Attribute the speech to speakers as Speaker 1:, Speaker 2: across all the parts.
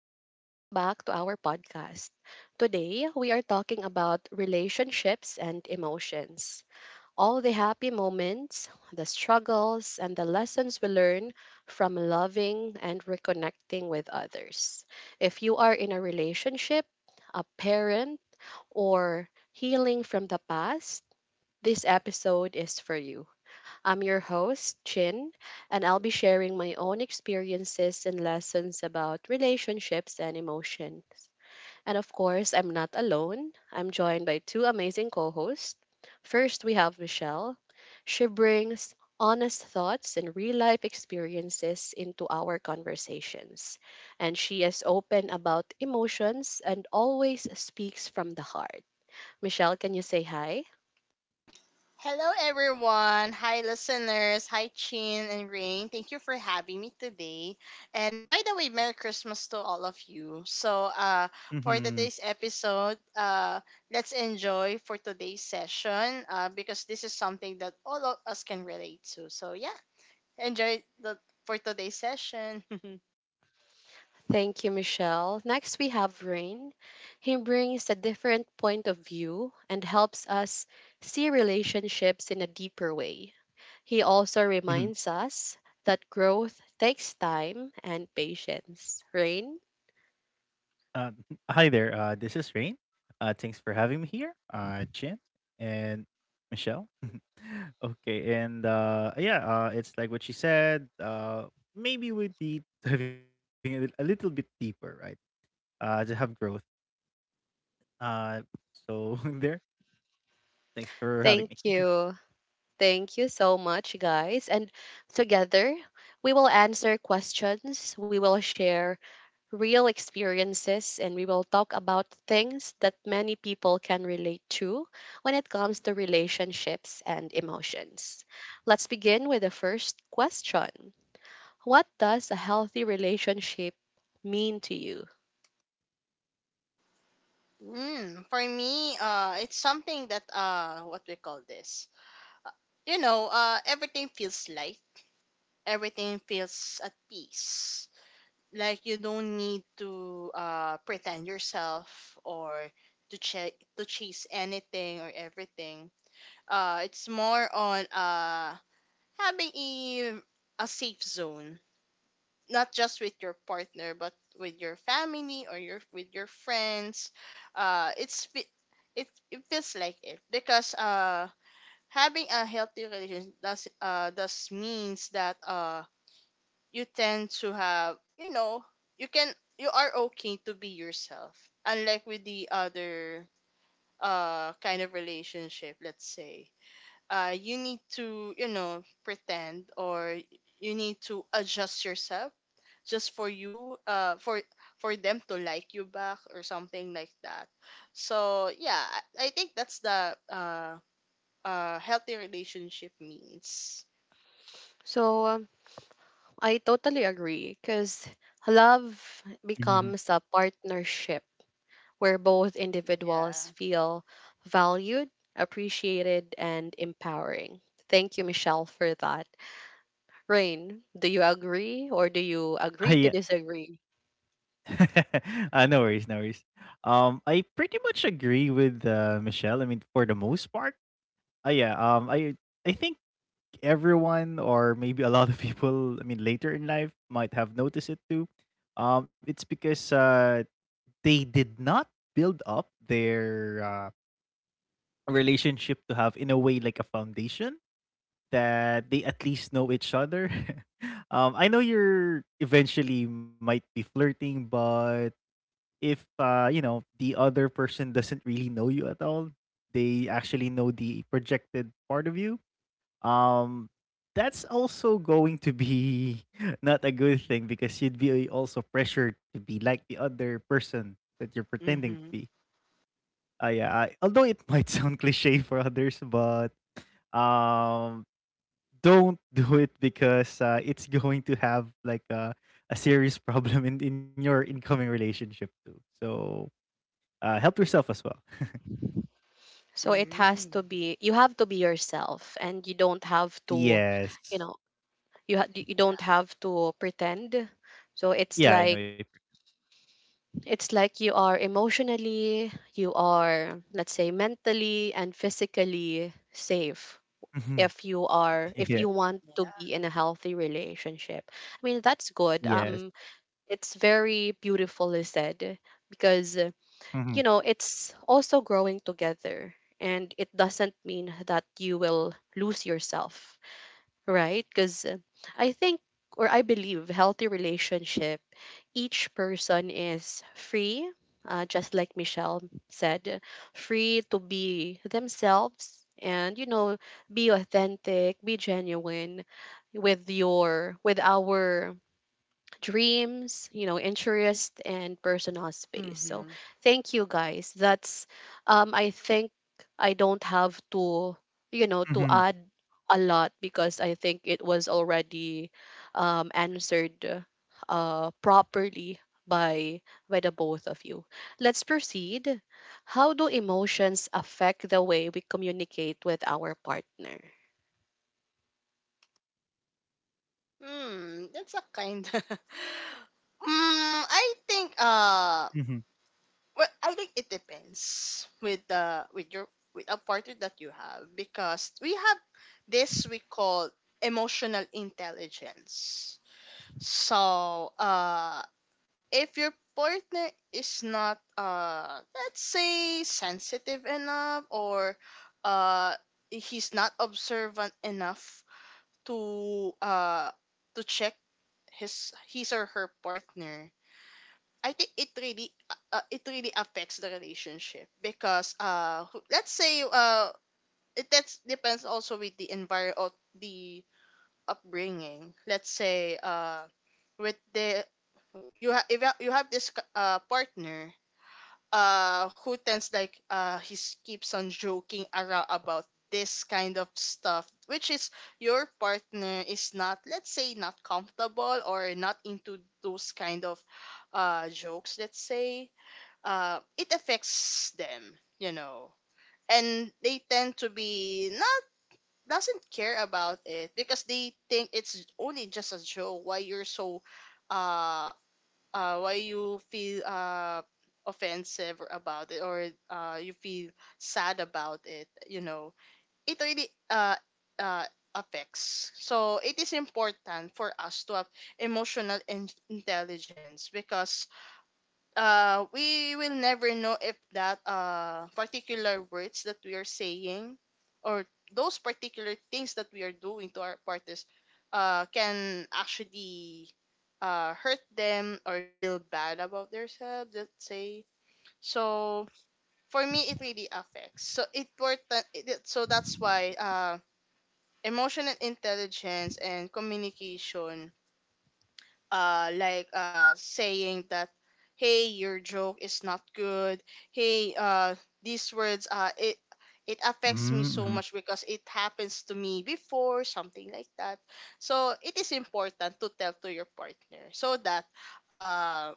Speaker 1: and welcome back to our podcast. Today, we are talking about relationships and emotions. All the happy moments, the struggles, and the lessons we learn from loving and reconnecting with others. If you are in a relationship, a parent, or healing from the past, this episode is for you. I'm your host, Chin, and I'll be sharing my own experiences and lessons about relationships and emotions. And of course, I'm not alone. I'm joined by two amazing co hosts. First, we have Michelle. She brings honest thoughts and real life experiences into our conversations. And she is open about emotions and always speaks from the heart. Michelle, can you say hi?
Speaker 2: Hello, everyone. Hi, listeners. Hi, Chin and Rain. Thank you for having me today. And by the way, Merry Christmas to all of you. For today's episode, let's enjoy for today's session because this is something that all of us can relate to. So, yeah, enjoy the for today's session.
Speaker 1: Thank you, Michelle. Next, we have Rain. He brings a different point of view and helps us see relationships in a deeper way. He also reminds us that growth takes time and patience. Rain, thank you. Thank you so much, guys. And together, we will answer questions, we will share real experiences, and we will talk about things that many people can relate to when it comes to relationships and emotions. Let's begin with the first question. What does a healthy relationship mean to you?
Speaker 2: For me, it's something that what we call this. Everything feels light. Everything feels at peace, like you don't need to pretend yourself or to chase anything or everything. It's more on having a safe zone, not just with your partner but with your family or your with your friends. uh it's fe- it it feels like it because having a healthy relationship does means that you tend to have you know you can, you are okay to be yourself, unlike with the other kind of relationship. Let's say you need to, you know, pretend, or you need to adjust yourself just for you for them to like you back or something like that. So yeah, I think that's the healthy relationship means.
Speaker 1: So, I totally agree because love becomes a partnership where both individuals
Speaker 2: Yeah.
Speaker 1: feel valued, appreciated, and empowering. Thank you, Michelle, for that. Rain, do you agree or do you agree to disagree?
Speaker 2: Mhm.
Speaker 1: So it has to
Speaker 2: Mm.
Speaker 1: be you have to be yourself, and you don't have to, you know, you don't
Speaker 2: Yeah.
Speaker 1: have to pretend. So it's like you are emotionally, you are, let's say, mentally and physically safe, if you want to
Speaker 2: Yeah.
Speaker 1: be in a healthy relationship. I mean, that's good. It's very beautifully said because, it's also growing together. And it doesn't mean that you will lose yourself, right? Because I think, or I believe, healthy relationship, each person is free, just like Michelle said, free to be themselves, and, be authentic, be genuine with with our dreams, interest and personal space. So
Speaker 2: Mhm.
Speaker 1: thank you, guys. That's, I think I don't have to, to add a lot, because I think it was already answered properly by the both of you. Let's proceed. How do emotions affect the way we communicate with our partner?
Speaker 2: Hmm, that's a kind. mm, I think Well, I think it depends with the with your, with a partner that you have, because we have this we call emotional intelligence. So, if your partner is not, let's say, sensitive enough, or uh he's not observant enough to uh to check his or her partner, I think it really affects the relationship, because let's say, it, that's depends also with the environment, the upbringing. Let's say with the, you have if you have this partner who tends like, keeps on joking around about this kind of stuff which is, your partner is not, let's say, not comfortable or not into those kind of jokes. Let's say it affects them, you know, and they tend to be not, doesn't care about it because they think it's only just a joke. Why you're so uh why you feel offensive about it, or you feel sad about it, you know. It really uh, affects. So it is important for us to have emotional intelligence because we will never know if that particular words that we are saying, or those particular things that we are doing to our partners can actually hurt them or feel bad about themselves, let's say. So for me, it really affects. So important. So that's why, emotional intelligence and communication, saying that, hey, your joke is not good. Hey, these words, it affects me so much because it happens to me before, something like that. So it is important to tell to your partner so that, um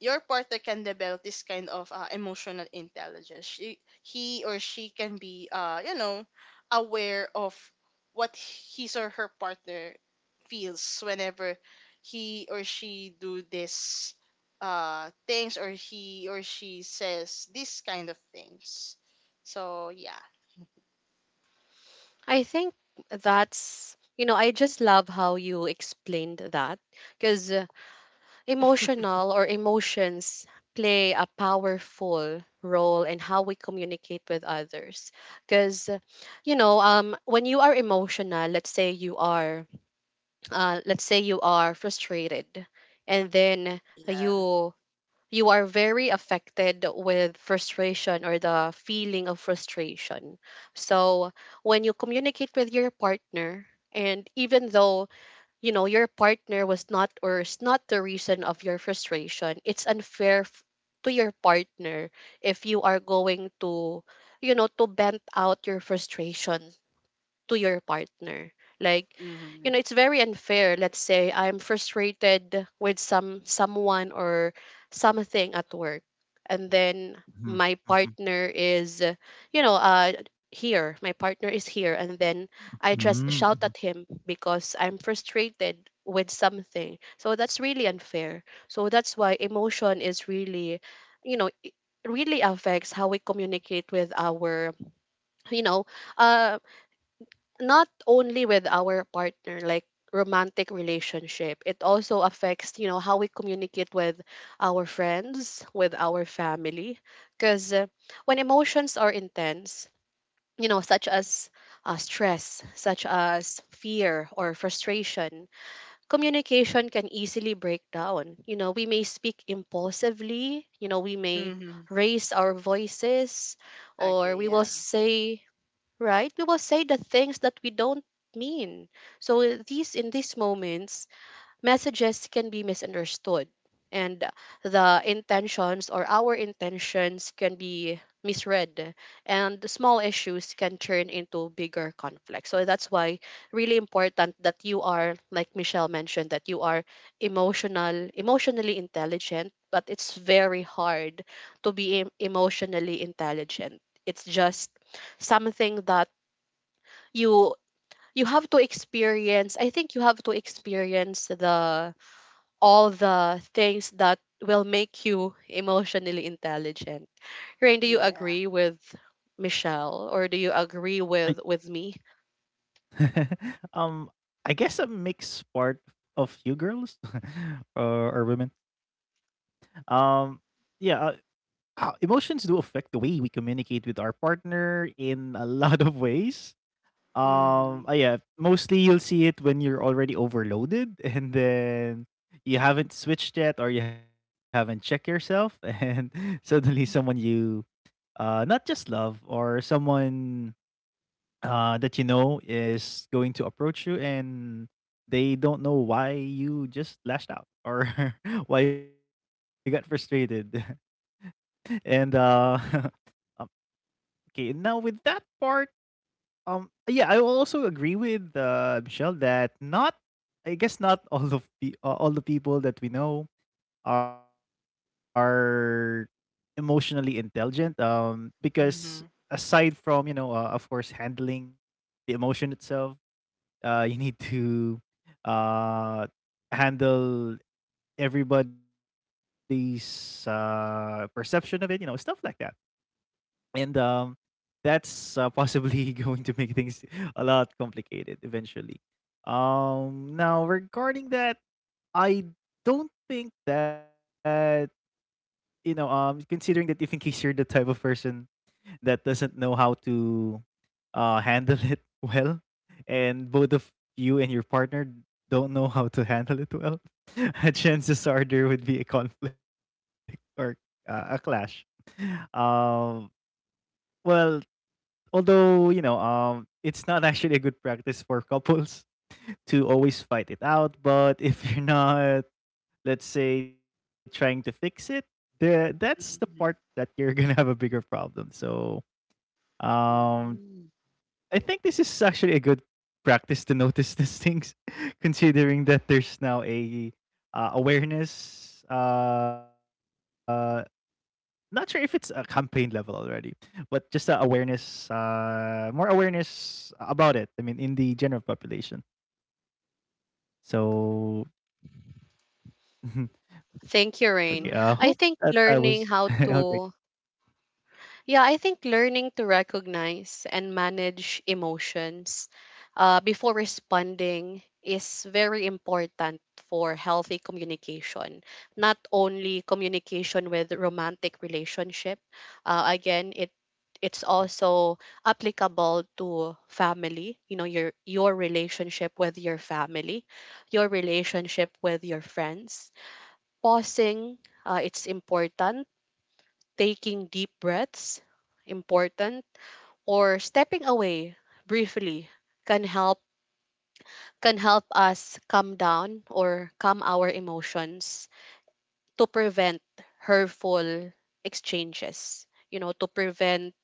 Speaker 2: your partner can develop this kind of emotional intelligence. He or she can be, you know, aware of what his or her partner feels whenever he or she do this things, or he or she says this kind of things. So yeah.
Speaker 1: I think that's, I just love how you explained that, because emotional or emotions play a powerful role in how we communicate with others. Because, when you are emotional, let's say you are, let's say you are frustrated, and then
Speaker 2: Yeah.
Speaker 1: you you are very affected with frustration or the feeling of frustration. So when you communicate with your partner, and even though you know your partner was not or is not the reason of your frustration, it's unfair to your partner if you are going to vent out your frustration to your partner. Like,
Speaker 2: Mm-hmm.
Speaker 1: it's very unfair. Let's say I'm frustrated with someone or something at work. And then my partner is, you know, uh, here. My partner is here. And then I just shout at him because I'm frustrated with something. So that's really unfair. So that's why emotion is really, it really affects how we communicate with our, you know, uh, not only with our partner, like romantic relationship. It also affects, how we communicate with our friends, with our family. Because, when emotions are intense, such as, stress, such as fear or frustration, communication can easily break down. We may speak impulsively. We may
Speaker 2: Mm-hmm.
Speaker 1: raise our voices, or we
Speaker 2: Agree.
Speaker 1: will
Speaker 2: Yeah.
Speaker 1: say, right? We will say the things that we don't mean. So, these in these moments, messages can be misunderstood, and the intentions or our intentions can be misread, and the small issues can turn into bigger conflicts. So that's why really important that you are, like Michelle mentioned, that you are, emotionally intelligent. But it's very hard to be emotionally intelligent. It's just something that you you have to experience. I think you have to experience the all the things that will make you emotionally intelligent. Rain, do you
Speaker 2: Yeah.
Speaker 1: agree with Michelle, or do you agree with me?
Speaker 2: Mm-hmm. Mm-hmm. Mm-hmm.
Speaker 1: Thank you, Rain.
Speaker 2: Mm-hmm.
Speaker 1: I think learning how to Yeah, I think learning to recognize and manage emotions, before responding, is very important for healthy communication. Not only communication with romantic relationship. Again, it's also applicable to family. Your relationship with your family, your relationship with your friends. Pausing, it's important, taking deep breaths, important, or stepping away briefly can help can help us calm down or calm our emotions, to prevent hurtful exchanges, to prevent,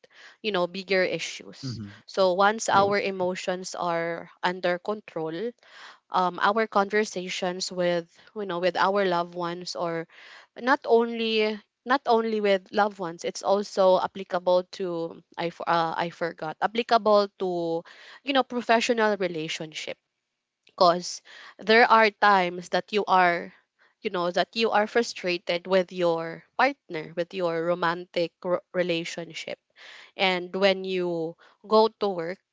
Speaker 1: bigger issues. So once our emotions are under control, our conversations with, with our loved ones, or not only not only with loved ones, it's also applicable to, I forgot, applicable to, professional relationship. Because there are times that you are frustrated with your partner, with your romantic relationship, and when you go to work,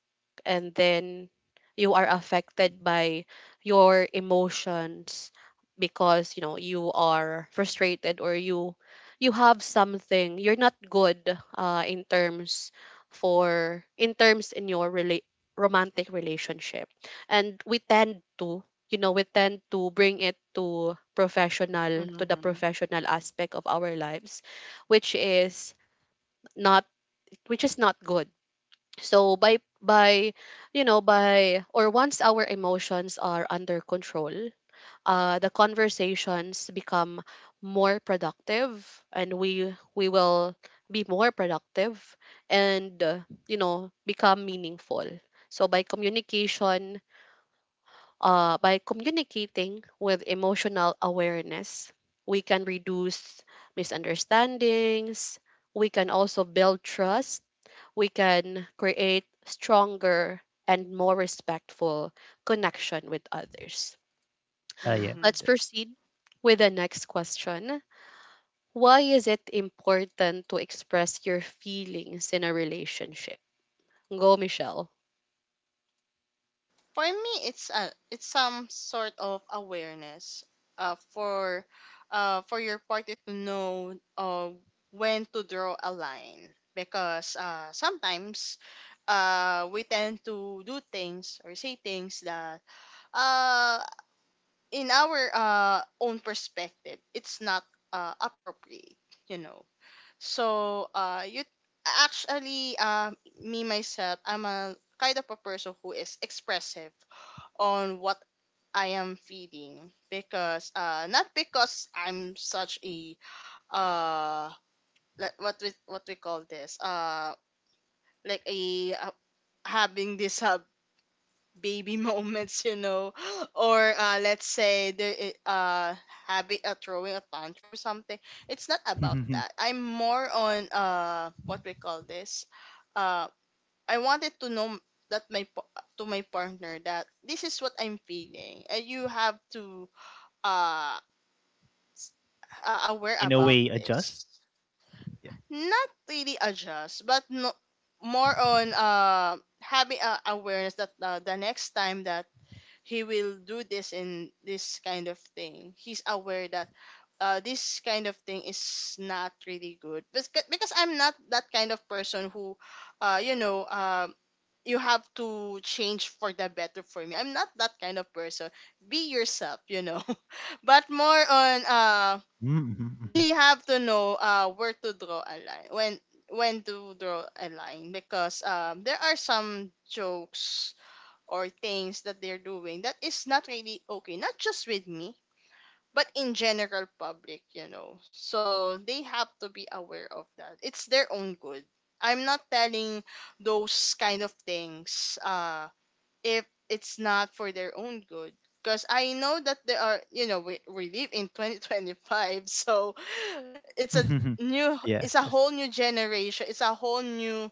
Speaker 1: and then you are affected by your emotions, because, you are frustrated, or you have something you're not good, in terms, in your, romantic relationship, and we tend to, bring it to the
Speaker 2: Mm-hmm.
Speaker 1: professional aspect of our lives, which is not which is not good. So, by you know by or once our emotions are under control, the conversations become more productive, and we will be more productive, and, become meaningful. So, by communicating with emotional awareness, we can reduce misunderstandings. We can also build trust. We can create stronger and more respectful connection with others.
Speaker 2: Mm-hmm.
Speaker 1: Let's proceed with the next question. Why is it important to express your feelings in a relationship? Go, Michelle.
Speaker 2: For me, it's some sort of awareness uh, for for your party to know when to draw a line, because sometimes we tend to do things or say things that uh, in our own perspective it's not appropriate, you know. So you actually me myself, I'm a kind of a person who is expressive on what I am feeding, because not because I'm such a uh like what we call this like a having this baby moments, you know, or let's say the having a, throwing a tantrum or something. It's not about that. I'm more on what we call this uh I wanted to know that my pa- to my partner that this is what I'm feeling, and you have to uh, aware about this, not really adjust, but no, more on having awareness that, the next time that he will do this, in this kind of thing, he's aware that this kind of thing is not really good. Because I'm not that kind of person who, uh you know um you have to change for the better. For me, I'm not that kind of person. Be yourself, you know. But more on, they have to know where to draw a line when to draw a line, because there are some jokes or things that they're doing that is not really okay, not just with me but in general public, you know. So they have to be aware of that. It's their own good. I'm not telling those kind of things if it's not for their own good. Because I know that there are, you know, we live in 2025, so it's a new, it's a whole new generation, it's a whole new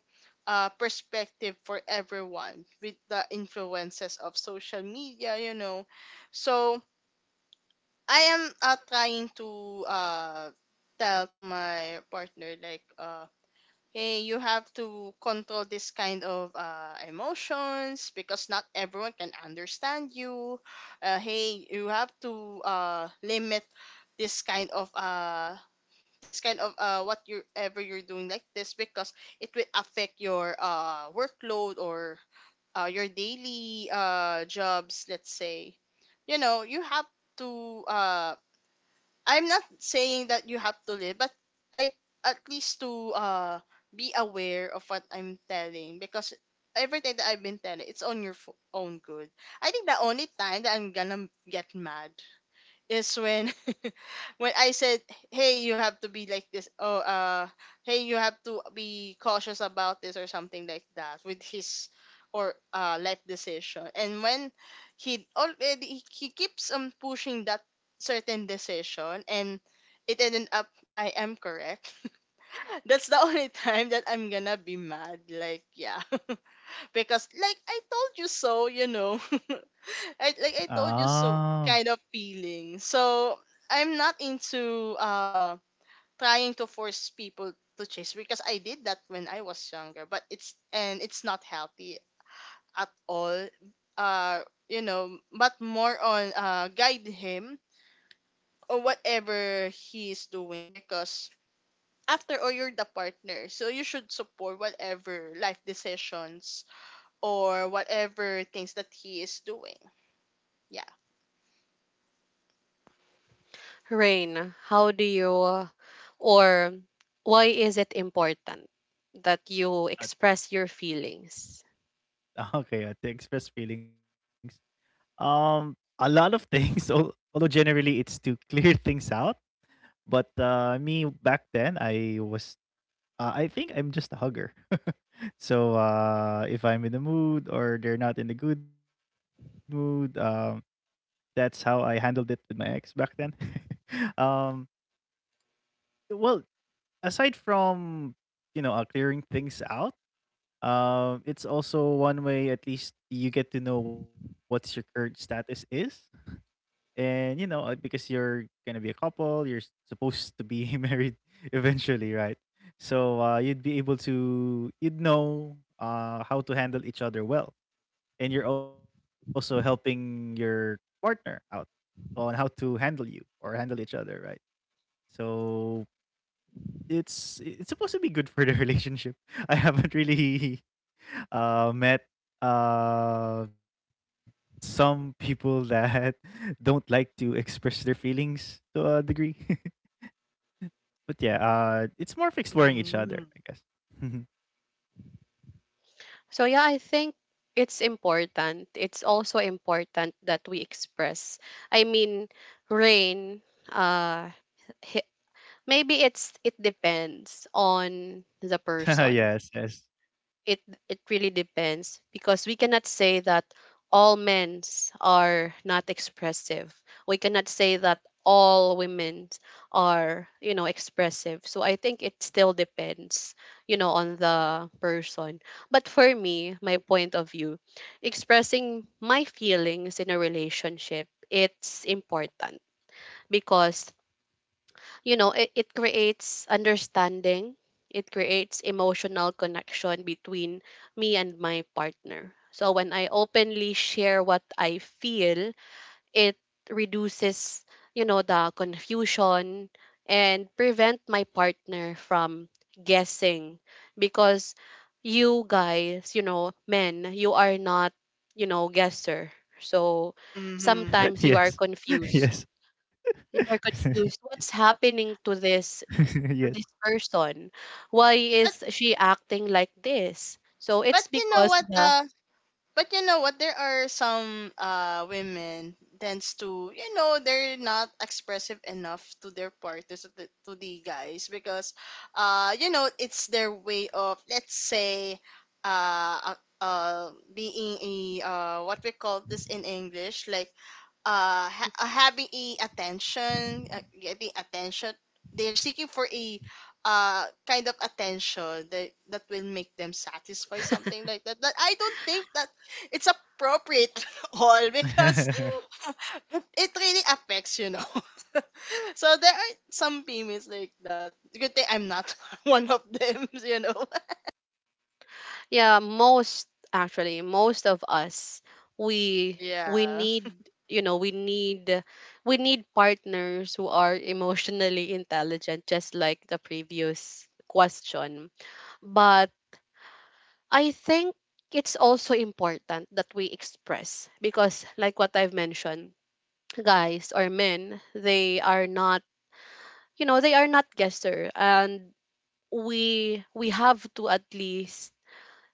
Speaker 2: perspective for everyone, with the influences of social media, you know. So I am trying to tell to my partner like, hey, you have to control this kind of emotions because not everyone can understand you. Hey, you have to limit this kind of what you ever you're doing like this, because it will affect your workload or your daily jobs. Let's say, you know, you have to I'm not saying that you have to live, but I, at least to be aware of what I'm telling, because everything that I've been telling, it's on your own good. I think the only time that I'm gonna get mad is when when I said, "Hey, you have to be like this." Oh, hey, you have to be cautious about this or something like that with his or life decision. And when he keeps on pushing that certain decision, and it ended up I am correct. That's the only time that I'm gonna be mad. Like, yeah, because like I told you so, you know. I like I told you so kind of feeling. So I'm not into trying to force people to chase, because I did that when I was younger, but it's, and it's not healthy at all. Uh you know, but more on, guide him or whatever he is doing, because after all you're the partner, so you should support whatever life decisions or whatever things that he is doing. Yeah.
Speaker 1: Rain, how do you, or why is it important that you express your feelings?
Speaker 2: Mm-hmm.
Speaker 1: So yeah, I think it's important. It's also important that we express. I mean, Rain, uh, hi- maybe it depends on the person. It it really depends, because we cannot say that all men are not expressive. We cannot say that all women are, expressive. So I think it still depends, on the person. But for me, my point of view, expressing my feelings in a relationship, it's important, because, it creates understanding, it creates emotional connection between me and my partner. So when I openly share what I feel, it reduces, the confusion, and prevent my partner from guessing. Because, you guys, men, you are not, guesser. So sometimes you are confused what's happening to this, person? Why
Speaker 2: But
Speaker 1: is she acting like this? So
Speaker 2: but
Speaker 1: it's
Speaker 2: you know
Speaker 1: because
Speaker 2: what
Speaker 1: the...
Speaker 2: uh but you know what, there are some women tends to, you know, they're not expressive enough to their partners, to the guys, because you know, it's their way of, let's say, being a, what we call this in English like ha- having a attention, getting attention. They're seeking for a kind of attention that that will make them satisfied, something like that. But I don't think that it's appropriate at all, because it really affects, you know. So there are some females like that. Good thing I'm not one of them, you know.
Speaker 1: Yeah, most actually, most of us we we
Speaker 2: Yeah.
Speaker 1: need you know we need we need partners who are emotionally intelligent, just like the previous question. But I think it's also important that we express, because, like what I've mentioned, guys or men, they are not, they are not guesser. And we have to at least,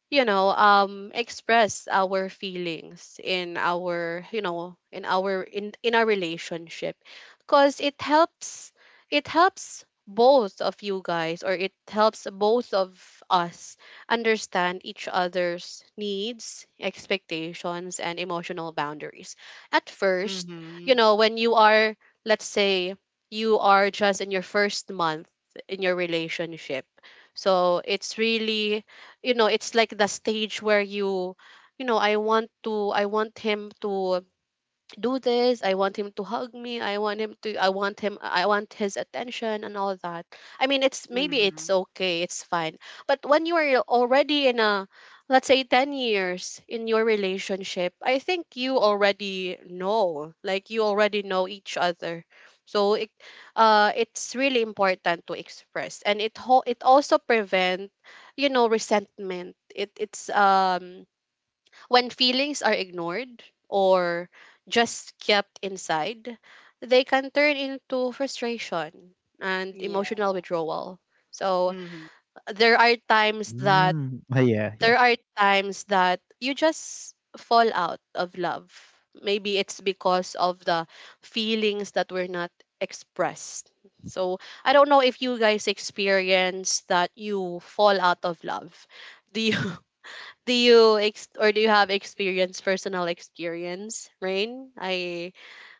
Speaker 1: express our feelings in our, in our relationship, because it helps both of you guys, or it helps both of us understand each other's needs, expectations, and emotional boundaries. At first,
Speaker 2: Mhm.
Speaker 1: when you are, let's say you are just in your first month in your relationship, so it's really, it's like the stage where you know, I want him to do this, I want him to hug me, I want him to I want him I want his attention and all that. I mean, it's maybe it's
Speaker 2: Mhm.
Speaker 1: okay, it's fine. But when you are already in a let's say 10 years in your relationship, I think you already know each other. So it's really important to express. And it also prevent, resentment. It's when feelings are ignored, or just kept inside, they can turn into frustration and
Speaker 2: Yeah.
Speaker 1: emotional withdrawal. So
Speaker 2: Mhm.
Speaker 1: there are times that there are times that you just fall out of love. Maybe it's because of the feelings that were not expressed. So I don't know if you guys experience that you fall out of love. Do you do you have experience, personal experience, Rain? I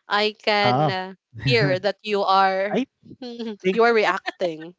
Speaker 1: I can, hear that you are you are reacting.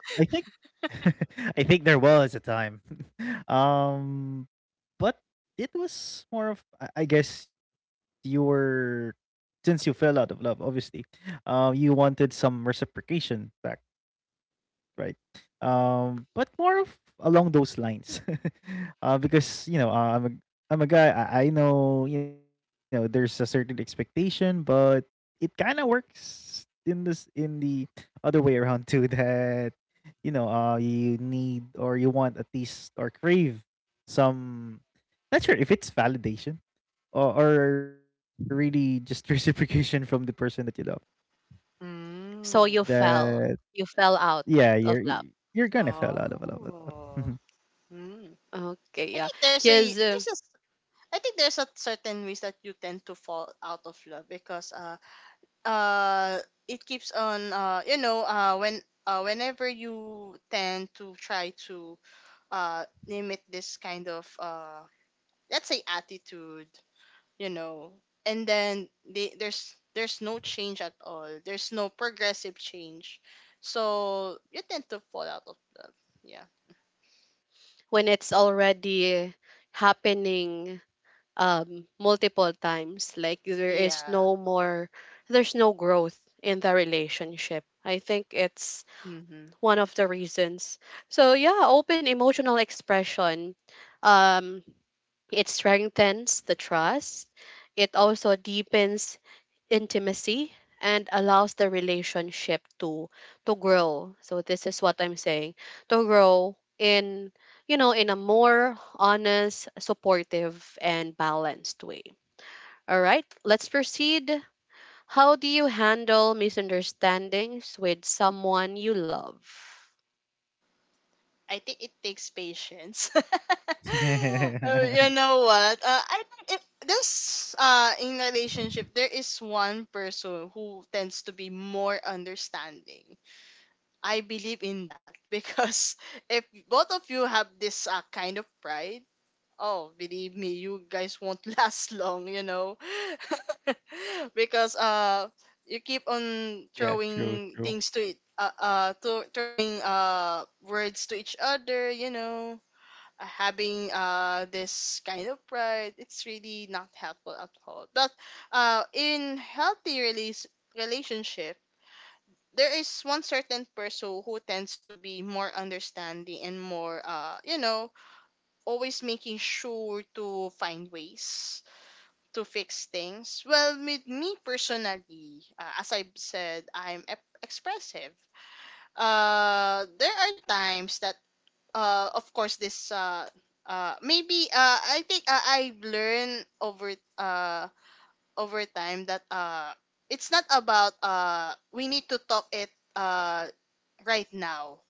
Speaker 1: So
Speaker 2: Mm.
Speaker 1: you fell. You fell out of love.
Speaker 2: Oh. Hmm.
Speaker 1: Okay,
Speaker 2: I
Speaker 1: yeah.
Speaker 2: think there's a
Speaker 1: Because
Speaker 2: there's a s- I think there's a certain ways that you tend to fall out of love, because uh it keeps on, whenever you tend to try to limit this kind of, let's say, attitude, you know, and then there's no change at all, there's no progressive change, so you tend to fall out of love. Yeah.
Speaker 1: When it's already happening multiple times, like there is
Speaker 2: Yeah.
Speaker 1: no more, there's no growth in the relationship. I think it's
Speaker 2: Mm-hmm.
Speaker 1: one of the reasons. So yeah, open emotional expression. Um, it strengthens the trust. It also deepens intimacy and allows the relationship to grow. So this is what I'm saying. To grow in in a more honest, supportive and balanced way. All right, let's proceed. How do you handle misunderstandings with someone you love?
Speaker 2: I think it takes patience. Oh, you know what? I think it, this in relationship there is one person who tends to be more understanding. I believe in that because if both of you have this kind of pride, oh, believe me, you guys won't last long, you know. Because you keep on throwing things to it, to throwing words to each other, you know. Having this kind of pride, it's really not helpful at all. But in healthy release relationship, there is one certain person who tends to be more understanding and more, always making sure to find ways to fix things. Well, with me personally, as I said, I'm expressive. There are times that, of course, this maybe I think I learn over uh over time that it's not about we need to talk it right now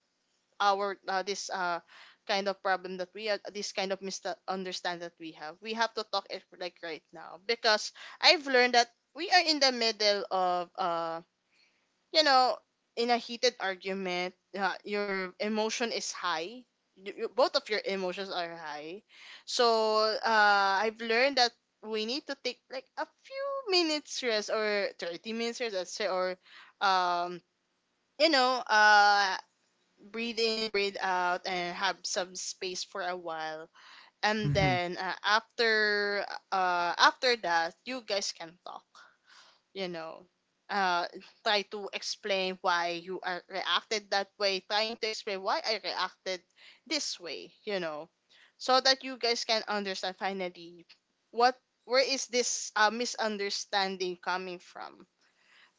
Speaker 2: our this kind of problem that we are this kind of misunderstand that we have to talk it like right now. Because I've learned that we are in the middle of you know in a heated argument, your emotion is high. Both of your emotions are high, so I've learned that we need to take like a few minutes rest, or 30 minutes rest, let's say, or um you know uh breathe in, breathe out, and have some space for a while. And then after that, you guys can talk. You know, uh, try to explain why you are reacted that way. Trying to explain why I reacted this way. You know, so that you guys can understand finally what, where is this misunderstanding coming from.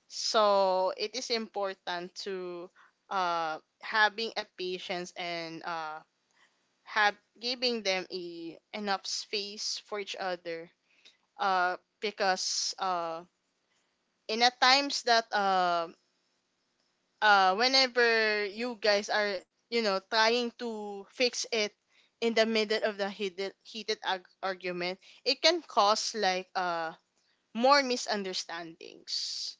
Speaker 2: So it is important to having a patience, and have giving them a, enough space for each other. Because in a times that whenever you guys are, you know, trying to fix it in the middle of the heated argument, it can cause like more misunderstandings.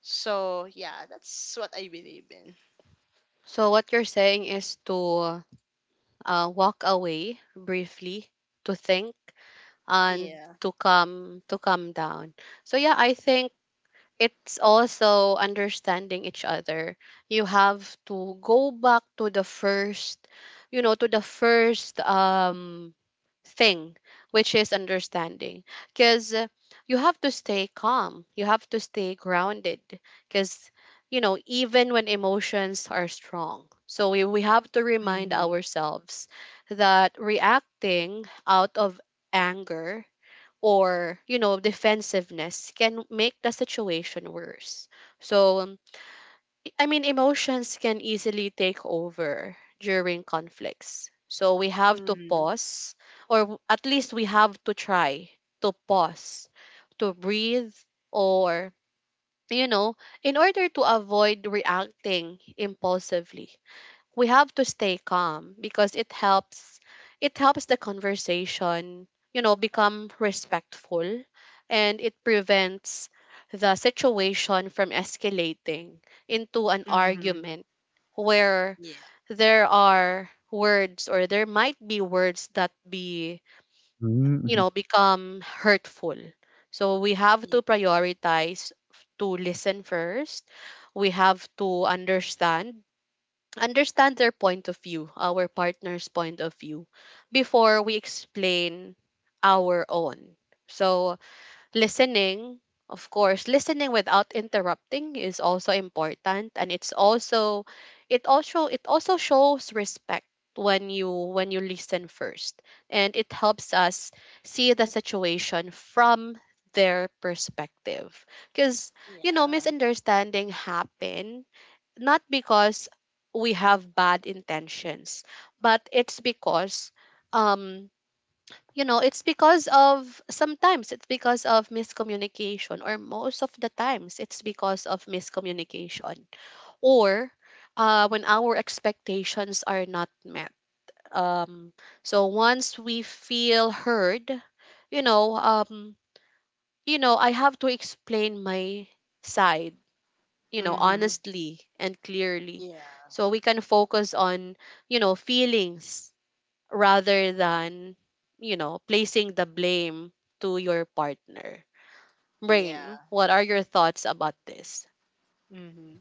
Speaker 2: So yeah, that's what I believe in.
Speaker 1: So what you're saying is to walk away briefly, to think, and
Speaker 2: Yeah.
Speaker 1: to come to calm down. So yeah, I think it's also understanding each other. You have to go back to the first, you know, to the first thing, which is understanding. Because you have to stay calm, you have to stay grounded. Because, you know, even when emotions are strong, so we have to remind
Speaker 2: Mhm.
Speaker 1: ourselves that reacting out of anger or, you know, defensiveness can make the situation worse. So, I mean, emotions can easily take over during conflicts. So we have to
Speaker 2: Mhm.
Speaker 1: pause, or at least we have to try to pause, to breathe, or, you know, in order to avoid reacting impulsively we have to stay calm because it helps the conversation, you know, become respectful, and it prevents the situation from escalating into an
Speaker 2: Mhm.
Speaker 1: argument where
Speaker 2: Yeah.
Speaker 1: there are words, or there might be words that be, you know, become hurtful. So we have to prioritize to listen first. We have to understand their point of view, our partner's point of view, before we explain our own. So, listening, of course, listening without interrupting is also important, and it's also it also shows respect when you listen first, and it helps us see the situation from their perspective, because you know
Speaker 2: Yeah.
Speaker 1: misunderstanding happen not because we have bad intentions, but it's because um you know, it's because of sometimes it's because of miscommunication, or most of the times it's because of miscommunication, or when our expectations are not met. Um so once we feel heard, you know, um you know, I have to explain my side, you know,
Speaker 2: Mhm.
Speaker 1: honestly and clearly.
Speaker 2: Yeah.
Speaker 1: So we can focus on, you know, feelings rather than, you know, placing the blame to your partner.
Speaker 2: Yeah.
Speaker 1: Brain, what are your thoughts about this?
Speaker 2: Mhm.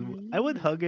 Speaker 2: Mm.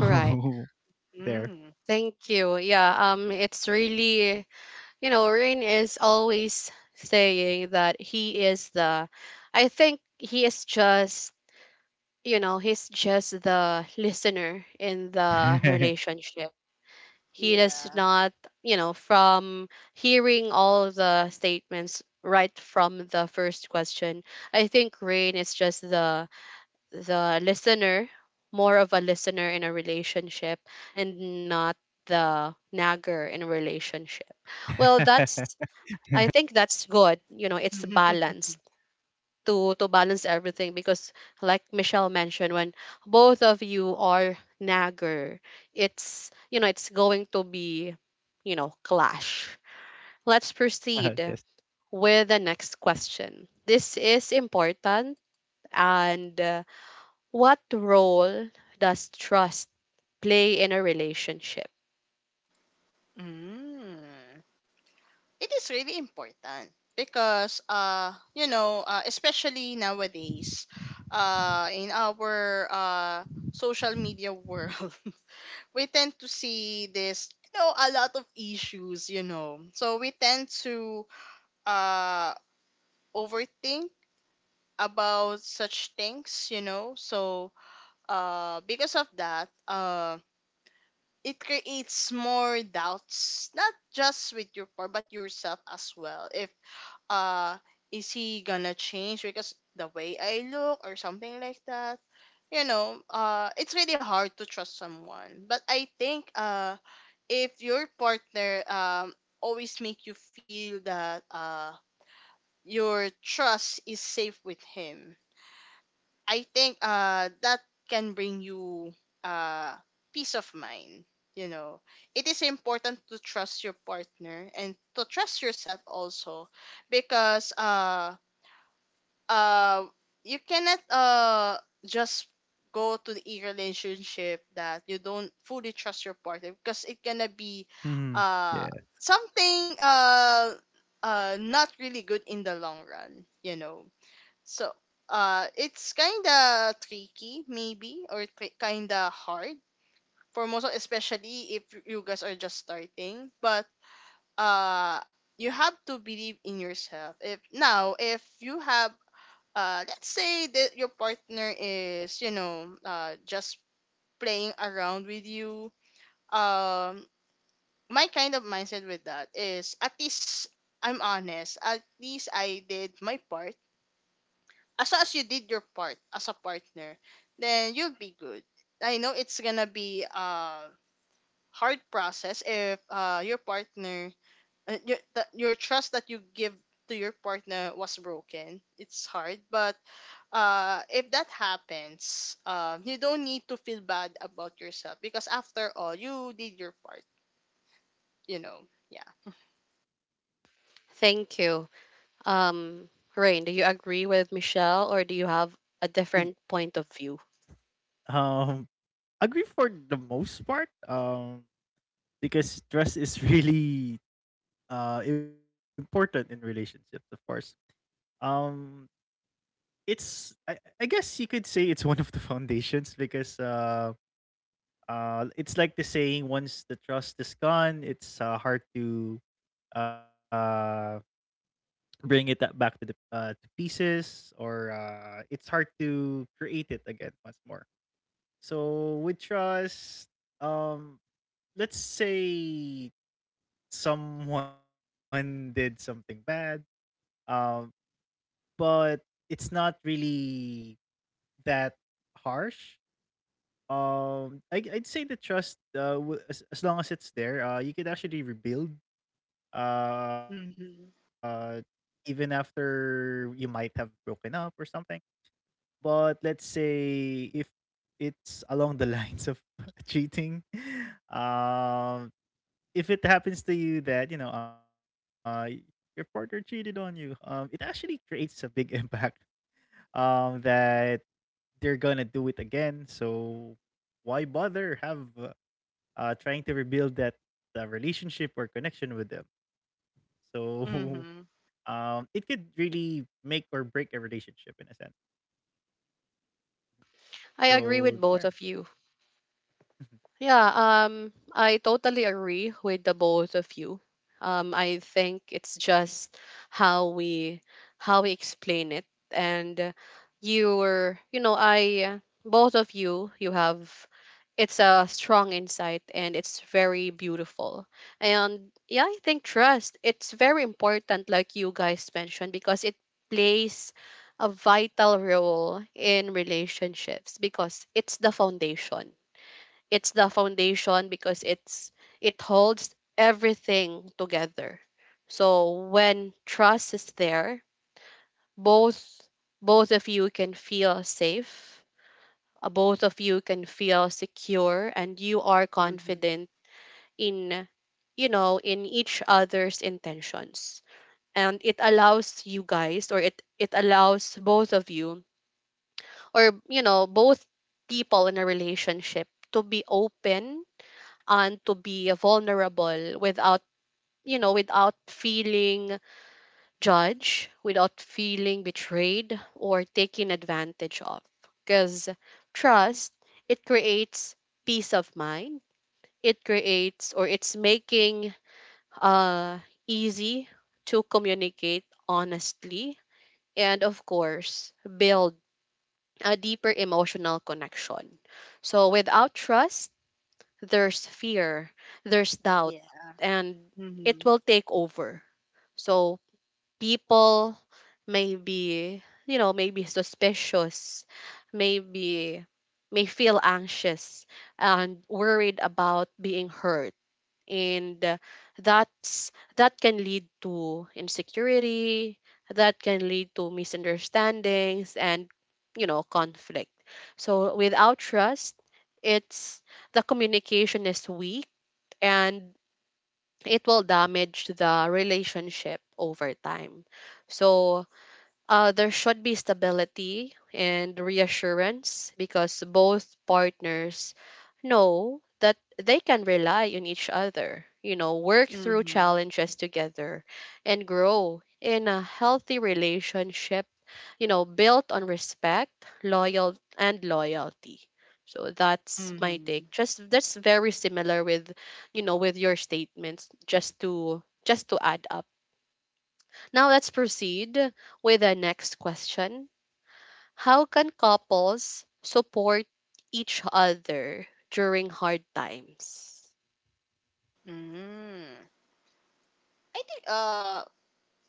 Speaker 1: Right.
Speaker 2: Mm.
Speaker 1: Thank you. Yeah, it's really, you know, Rain is always saying that he is the, I think he is just, you know, he's just the listener in the relationship. He does
Speaker 2: Yeah.
Speaker 1: not, you know, from hearing all the statements right from the first question, I think Rain is just the listener, more of a listener in a relationship, and not the nagger in a relationship. Well, that's, I think that's good. You know, it's balanced to balance everything, because like Michelle mentioned, when both of you are nagger, it's, you know, it's going to be, you know, clash. Let's proceed with the next question. This is important. And what role does trust play in a relationship?
Speaker 2: Mm. It is really important, because especially nowadays in our social media world. We tend to see, this, you know, a lot of issues, you know, so we tend to uh overthink about such things, you know. So, because of that, it creates more doubts, not just with your partner, but yourself as well. If, uh, is he gonna change because the way I look or something like that? You know, it's really hard to trust someone. But I think, if your partner always make you feel that, your trust is safe with him, I think that can bring you uh peace of mind. You know, it is important to trust your partner and to trust yourself also, because uh you cannot just go to the relationship that you don't fully trust your partner, because it gonna be uh something not really good in the long run. You know, so, it's kind of tricky, maybe, or kind of hard for most, of- especially if you guys are just starting. But uh, you have to believe in yourself. If now, if you have, let's say that your partner is, you know, just playing around with you. Um, my kind of mindset with that is: at least I'm honest. At least I did my part. As long as you did your part as a partner, then you'll be good. I know it's gonna be a hard process if your partner, your trust that you give to your partner was broken. It's hard, but if that happens, you don't need to feel bad about yourself, because after all, you did your part. You know, yeah.
Speaker 1: Thank you. um Rain, do you agree with Michelle, or do you have a different point of view?
Speaker 2: Mhm. Mhm.
Speaker 1: I agree with both of you. Yeah, I totally agree with the both of you. I think it's just how we how we explain it, and you were, you know, I both of you, you have, it's a strong insight and it's very beautiful. And yeah, I think trust, it's very important, like you guys mentioned, because it plays a vital role in relationships because it's the foundation because it's, it holds everything together. So when trust is there, both, both of you can feel safe, both of you can feel secure and you are
Speaker 2: Mhm.
Speaker 1: confident in, you know, in each other's intentions, and it allows you guys, or it allows both of you, or you know both people in a relationship to be open and to be vulnerable without, you know, without feeling judged, without feeling betrayed or taken advantage of, because trust, it creates peace of mind. It creates, or it's making uh easy to communicate honestly, and of course build a deeper emotional connection. So without trust, there's fear, there's doubt,
Speaker 2: Yeah.
Speaker 1: and it
Speaker 2: Mhm.
Speaker 1: will take over. So people may be, you know, maybe suspicious, maybe may feel anxious and worried about being hurt. And that's that can lead to insecurity, that can lead to misunderstandings and, you know, conflict. So without trust, it's, the communication is weak, and it will damage the relationship over time. So there should be stability and reassurance because both partners know that they can rely on each other, you know, work through
Speaker 2: Mhm.
Speaker 1: challenges together and grow in a healthy relationship, you know, built on respect, loyal and loyalty. So that's my
Speaker 2: Mhm.
Speaker 1: take. Just that's very similar with, you know, with your statements, just to add up. Now let's proceed with the next question. How can couples support each other during hard times?
Speaker 2: Mhm. I think uh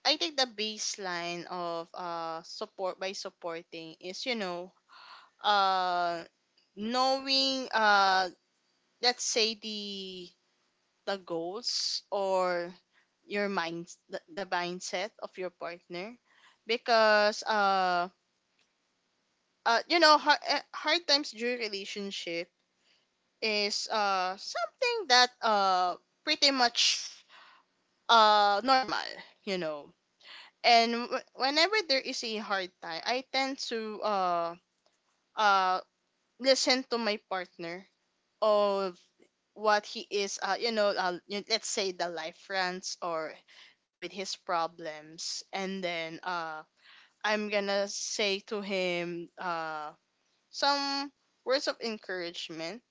Speaker 2: I think the baseline of support, by supporting, is, you know, uh knowing let's say the goals or the mindset of your partner. Because you know, hard times during relationship is something that pretty much normal, you know. And whenever there is a hard time, I tend to uh listen to my partner, of what he is, you know, let's say the life friends or with his problems, and then I'm gonna say to him some words of encouragement.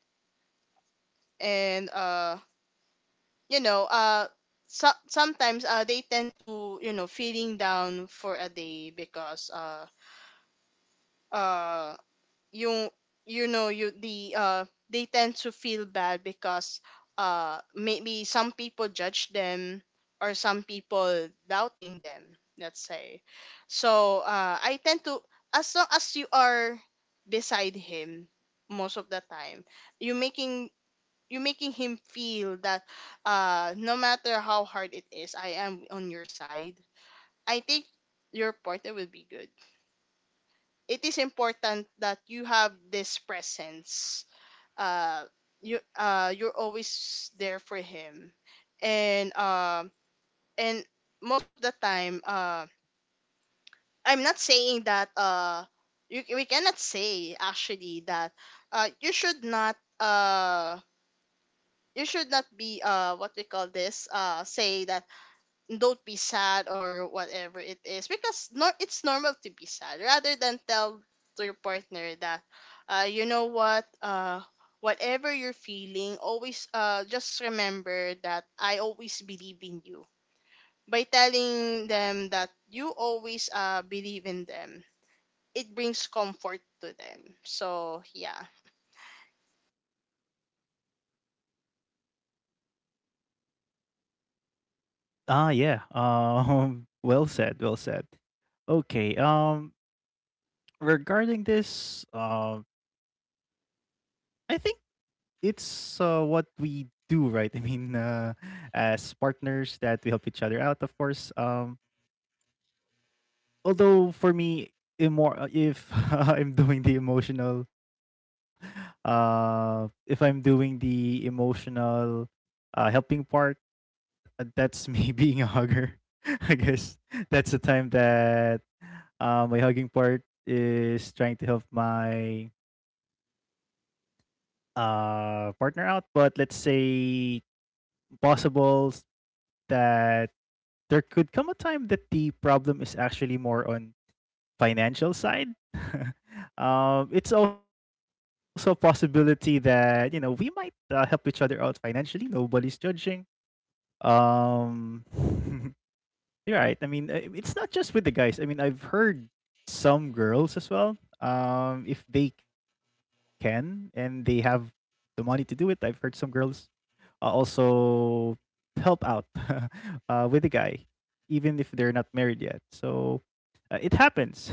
Speaker 2: And you know uh so- sometimes they tend to, you know, feeling down for a day because uh you you know you the they tend to feel bad because maybe some people judge them or some people doubting them, let's say. So I tend to, as long as you are beside him most of the time, you making you making him feel that no matter how hard it is, I am on your side. I think your partner will be good. It is important that you have this presence, uh you, you're always there for him. And and most of the time, I'm not saying that we cannot say actually that you should not you should not be, what we call this, say that don't be sad or whatever it is, because nor it's normal to be sad. Rather than tell to your partner that you know what, whatever you're feeling, always just remember that I always believe in you. By telling them that you always, believe in them, it brings comfort to them. So yeah.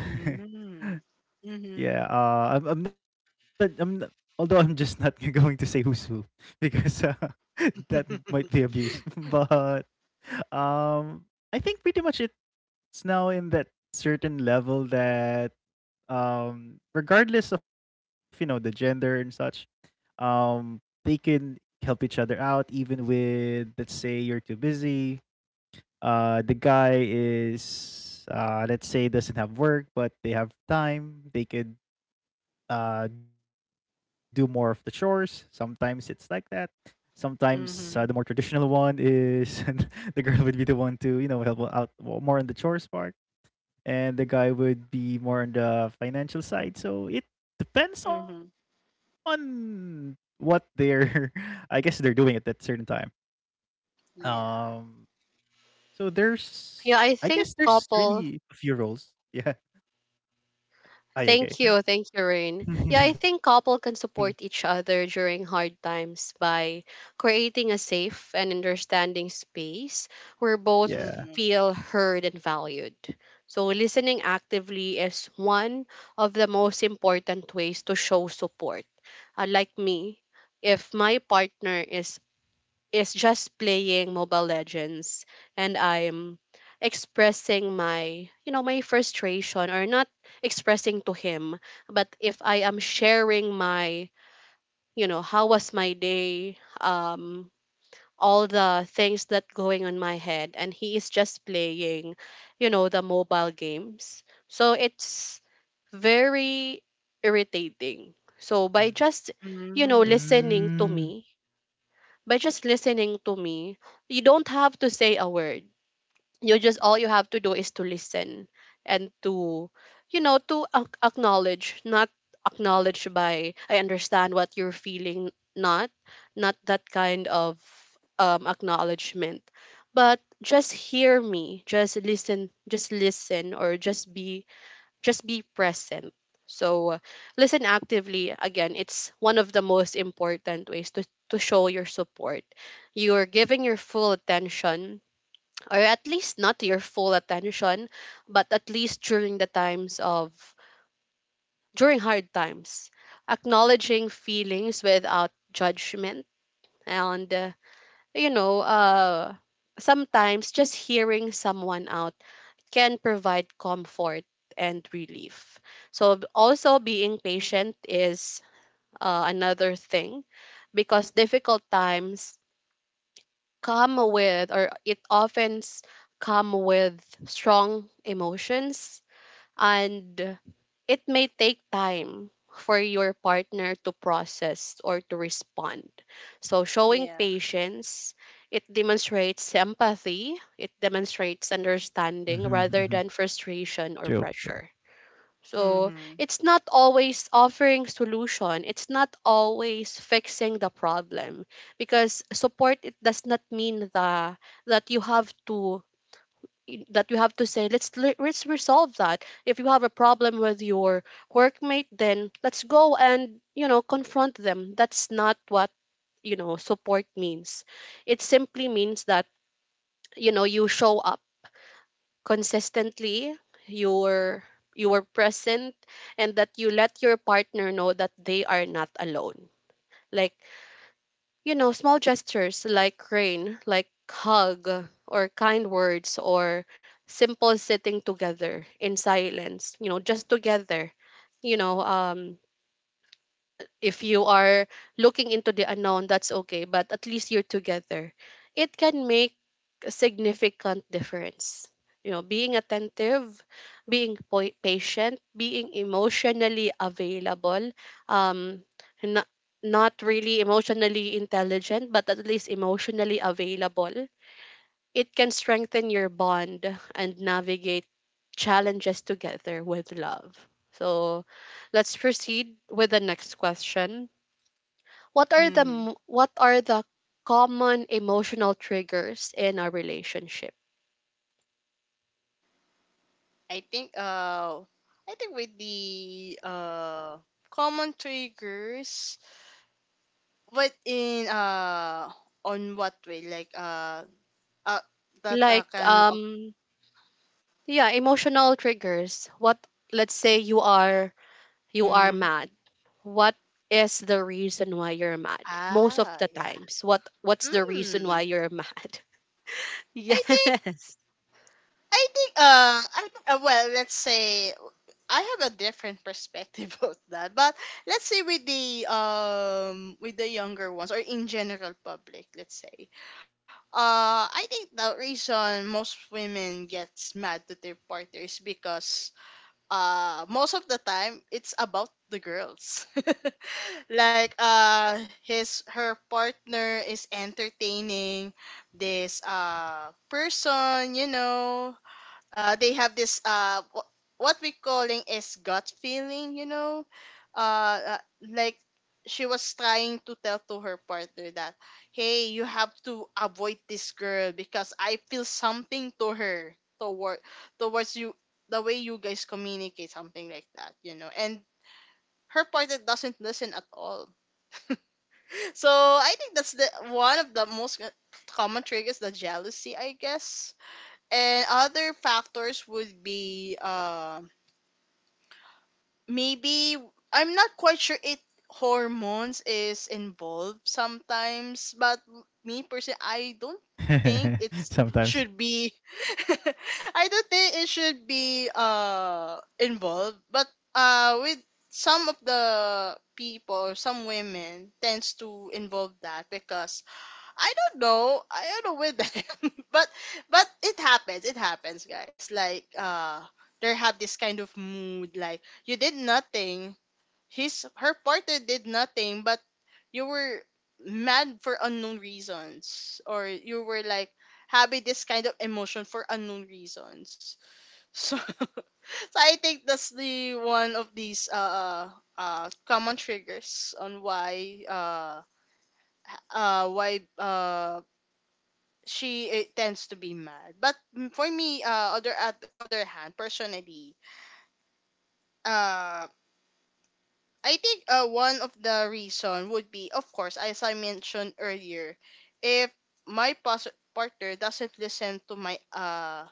Speaker 2: Mm. Mhm. Mhm. Mhm. Yeah.
Speaker 1: Yeah, I think couple, thank you, Rain. Yeah, I think couple can support each other during hard times by creating a safe and understanding space where both
Speaker 2: Mhm.
Speaker 1: feel heard and valued. So listening actively is one of the most important ways to show support, like me, if my partner is just playing Mobile Legends and I'm expressing my, you know, my frustration, or not expressing to him, but if I am sharing my, you know, how was my day, all the things that going on my head, and he is just playing, you know, the mobile games, so it's very irritating. So by just, you
Speaker 3: Mm.
Speaker 1: know,
Speaker 2: Mhm.
Speaker 1: listening to me, by just listening to me, you don't have to say a word. You just all you have to do is to listen and to, you know, to acknowledge, not acknowledge by I understand what you're feeling, not not that kind of acknowledgement. But just hear me, just listen, just listen, or just be present. So listen actively. Again, it's one of the most important ways to show your support. You're giving your full attention, or at least not your full attention, but at least during the times of, during hard times, acknowledging feelings without judgment. And, you know, sometimes just hearing someone out can provide comfort and relief. So also being patient is another thing, because difficult times come with, or it often come with strong emotions, and it may take time for your partner to process or to respond. So showing
Speaker 2: Yeah.
Speaker 1: patience, it demonstrates empathy, it demonstrates
Speaker 3: Mhm, mhm.
Speaker 1: understanding rather than
Speaker 3: True, true.
Speaker 1: frustration or pressure. So
Speaker 2: Mhm.
Speaker 1: it's not always offering solution. It's not always fixing the problem, because support, it does not mean the that you have to that you have to say let's let's resolve that. If you have a problem with your workmate, then let's go and, you know, confront them. That's not what, you know, support means. It simply means that, you know, you show up consistently, you're, you are present, and that you let your partner know that they are not alone. Like, you know, small gestures like Rain, like hug, or kind words, or simple sitting together in silence, you know, just together, you know um if you are looking into the unknown, that's okay, but at least you're together, it can make a significant difference. You know, being attentive, being patient, being emotionally available, um, not, not really emotionally intelligent, but at least emotionally available. It can strengthen your bond and navigate challenges together with love. So, let's proceed with the next question. What are the
Speaker 2: Hmm.
Speaker 1: what are the common emotional triggers in a relationship?
Speaker 2: I think with the common triggers, but in on what way, like uh that
Speaker 1: Like
Speaker 2: can of.
Speaker 1: yeah, emotional triggers, what, let's say you are
Speaker 2: Mm,
Speaker 1: mad, what is the reason why you're mad? Most of
Speaker 2: ah,
Speaker 1: the
Speaker 2: yeah.
Speaker 1: times, what's the reason
Speaker 2: Hmm.
Speaker 1: why you're mad?
Speaker 2: I think
Speaker 1: Yes.
Speaker 2: I think, well, let's say I have a different perspective of that, but let's say with the younger ones or in general public, let's say, I think the reason most women gets mad to their partners, because most of the time it's about the girls. Like his her partner is entertaining this person, you know, they have this what we calling is gut feeling, you know. uh uh, like, she was trying to tell to her partner that, hey, you have to avoid this girl because I feel something to her towards you, the way you guys communicate something like that, you know. And her partner doesn't listen at all. So I think that's the one of the most common triggers, the jealousy, I guess. And other factors would be, maybe, I'm not quite sure if hormones is involved sometimes, but me personally, I don't think it
Speaker 3: Sometimes.
Speaker 2: should be. I don't think it should be involved, but with some of the people or some women tends to involve that, because I don't know. I don't know with them, but it happens. It happens, guys. They have this kind of mood. Like, you did nothing. His her partner did nothing, but you were mad for unknown reasons, or you were like having this kind of emotion for unknown reasons. So, so I think that's the one of these common triggers on why she, it tends to be mad. But mm, for me, other at the other hand, personally, uh, I think one of the reason would be, of course, as I mentioned earlier, if my partner doesn't listen to my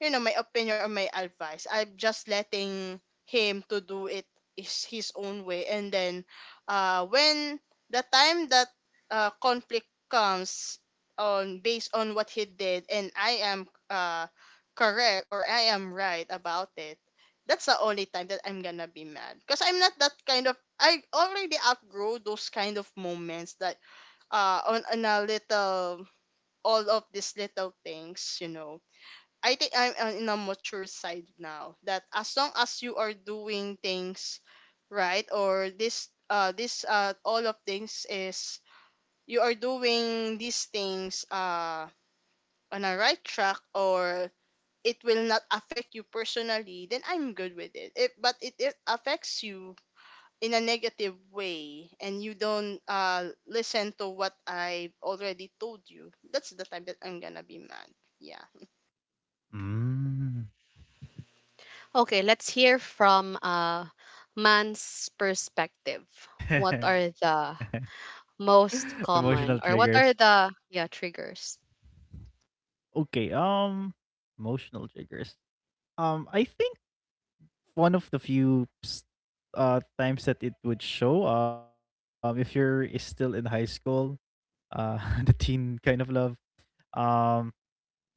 Speaker 2: you know, my opinion or my advice, I'm just letting him to do it is his own way. And then when the time that conflict comes on based on what he did, and I am correct, or I am right about it, that's the only time that I'm gonna be mad. Because I'm not that kind of, I already outgrow those kind of moments that on a little, all of these little things, you know. I think I'm in a mature side now, that as long as you are doing things right, or this all of things is you are doing these things on a right track, or it will not affect you personally, then I'm good with it. If but it affects you in a negative way, and you don't listen to what I already told you, that's the time that I'm gonna be mad. Yeah.
Speaker 3: Mm.
Speaker 1: Okay, let's hear from a man's perspective. What are the
Speaker 3: Emotional
Speaker 1: most
Speaker 3: triggers.
Speaker 1: common, or what are the, yeah, triggers?
Speaker 3: Okay, emotional triggers. I think one of the few times that it would show if you're is still in high school, uh the teen kind of love. Um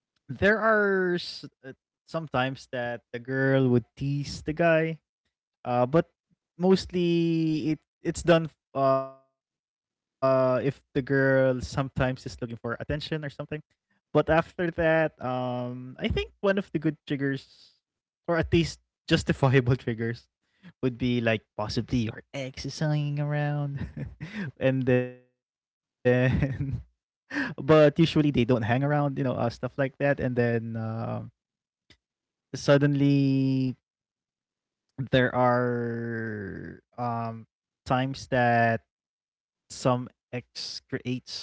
Speaker 3: there are sometimes that the girl would tease the guy. But mostly it's done if the girl sometimes is looking for attention or something. But after that, I think one of the good triggers, or at least justifiable triggers, would be like possibly you're hanging around and then but usually they don't hang around, stuff like that, and then suddenly there are times that some X creates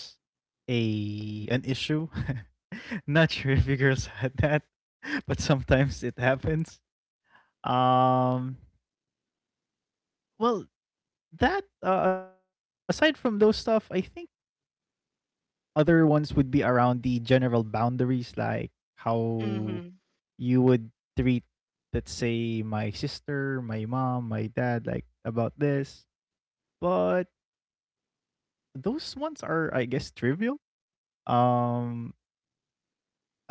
Speaker 3: a an issue. Not sure if you girls had that, but sometimes it happens. Um well, that aside from those stuff, I think other ones would be around the general boundaries, like how
Speaker 2: Mhm.
Speaker 3: you would treat, let's say, my sister, my mom, my dad, like about this. But those ones are, I guess, trivial. Um, yeah.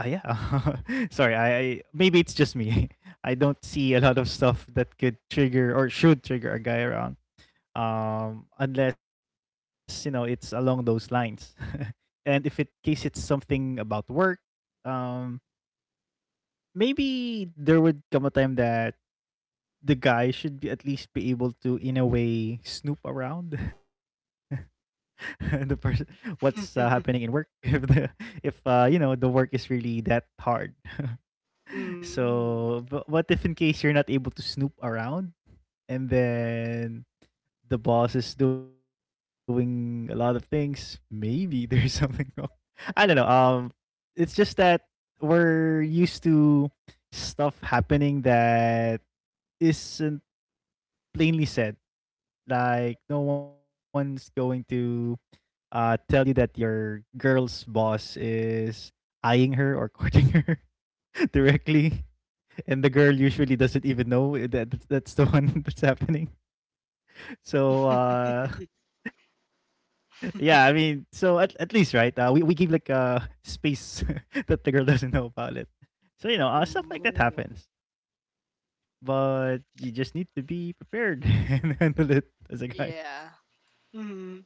Speaker 3: Sorry, I maybe it's just me. I don't see a lot of stuff that could trigger or should trigger a guy around. Unless you know it's along those lines, and if it case it's something about work, um, maybe there would come a time that the guy should be at least be able to in a way snoop around the person, what's happening in work. If the, if you know, the work is really that hard.
Speaker 2: Mm.
Speaker 3: So but what if in case you're not able to snoop around, and then the boss is doing a lot of things, maybe there's something wrong. I don't know. It's just that we're used to stuff happening that isn't plainly said. Like no one's going to tell you that your girl's boss is eyeing her or courting her directly, and the girl usually doesn't even know that that's the one that's happening. So, yeah, I mean, so at least, right, we give like space that the girl doesn't know about it. So you know, stuff like that
Speaker 2: Ooh.
Speaker 3: happens, but you just need to be prepared and handle it as a guy.
Speaker 2: Yeah. Mm.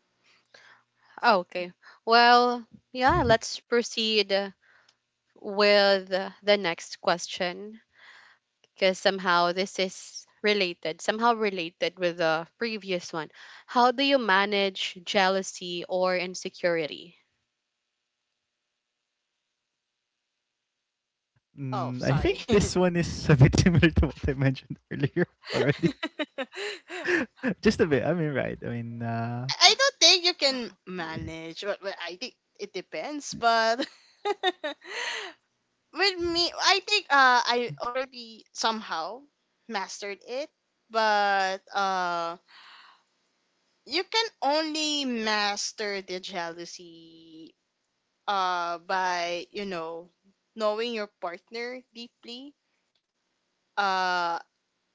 Speaker 1: Okay, well, yeah, let's proceed with the next question, because somehow this is related, somehow related with the previous one. How do you manage jealousy or insecurity?
Speaker 2: Oh,
Speaker 3: Mm, I think
Speaker 2: sorry.
Speaker 3: this one is a bit similar to what I mentioned earlier already. Just a bit. I mean, right. I mean,
Speaker 2: I don't think you can manage, but I think it depends. But with me, I think I already somehow mastered it. But you can only master the jealousy by, you know, knowing your partner deeply. Uh,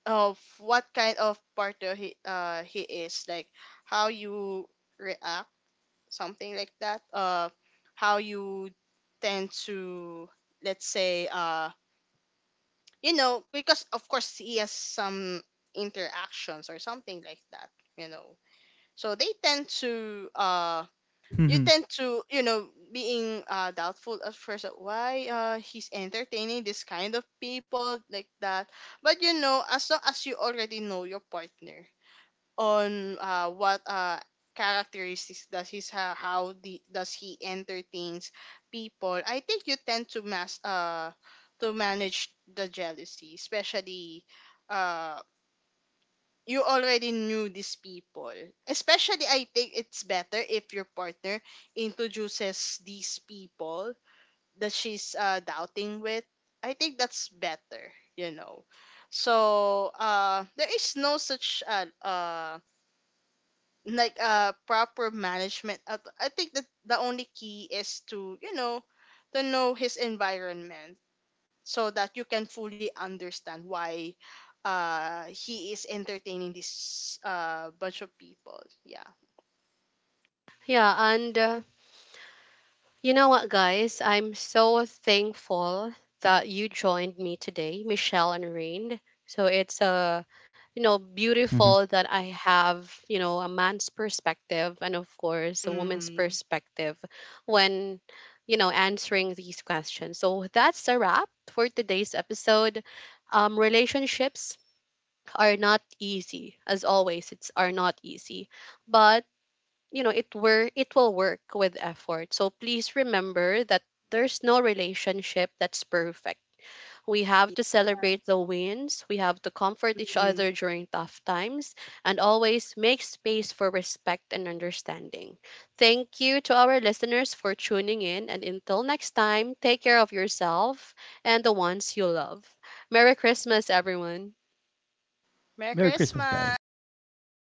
Speaker 2: of what kind of partner he he is, like how you react, something like that, how you tend to, let's say, you know, because of course he has some interactions or something like that, you know. So they tend to
Speaker 3: hmm.
Speaker 2: you tend to, you know, being doubtful at first, why he's entertaining this kind of people like that. But you know, as long as you already know your partner, on what characteristics does he how the, does he entertains people, I think you tend to mass to manage the jealousy, especially uh you already knew these people. Especially I think it's better if your partner introduces these people that she's doubting with. I think that's better, you know. So there is no such proper management. I think that the only key is to, you know, to know his environment, so that you can fully understand why he is entertaining this bunch of people. Yeah.
Speaker 1: Yeah, and you know what, guys? I'm so thankful that you joined me today, Michelle and Rain. So it's you know, beautiful that I have, you know, a man's perspective, and of course a woman's
Speaker 2: Mm-hmm.
Speaker 1: perspective when, you know, answering these questions. So that's a wrap for today's episode. Relationships are not easy, as always. It's are not easy, but you know it will work with effort. So please remember that there's no relationship that's perfect. We have to celebrate the wins, we have to comfort each other
Speaker 2: Mm.
Speaker 1: during tough times, and always make space for respect and understanding. Thank you to our listeners for tuning in, and until next time, take care of yourself and the ones you love. Merry Christmas, everyone.
Speaker 2: Merry
Speaker 3: Merry Christmas, guys. Thanks
Speaker 2: Christmas.
Speaker 3: for having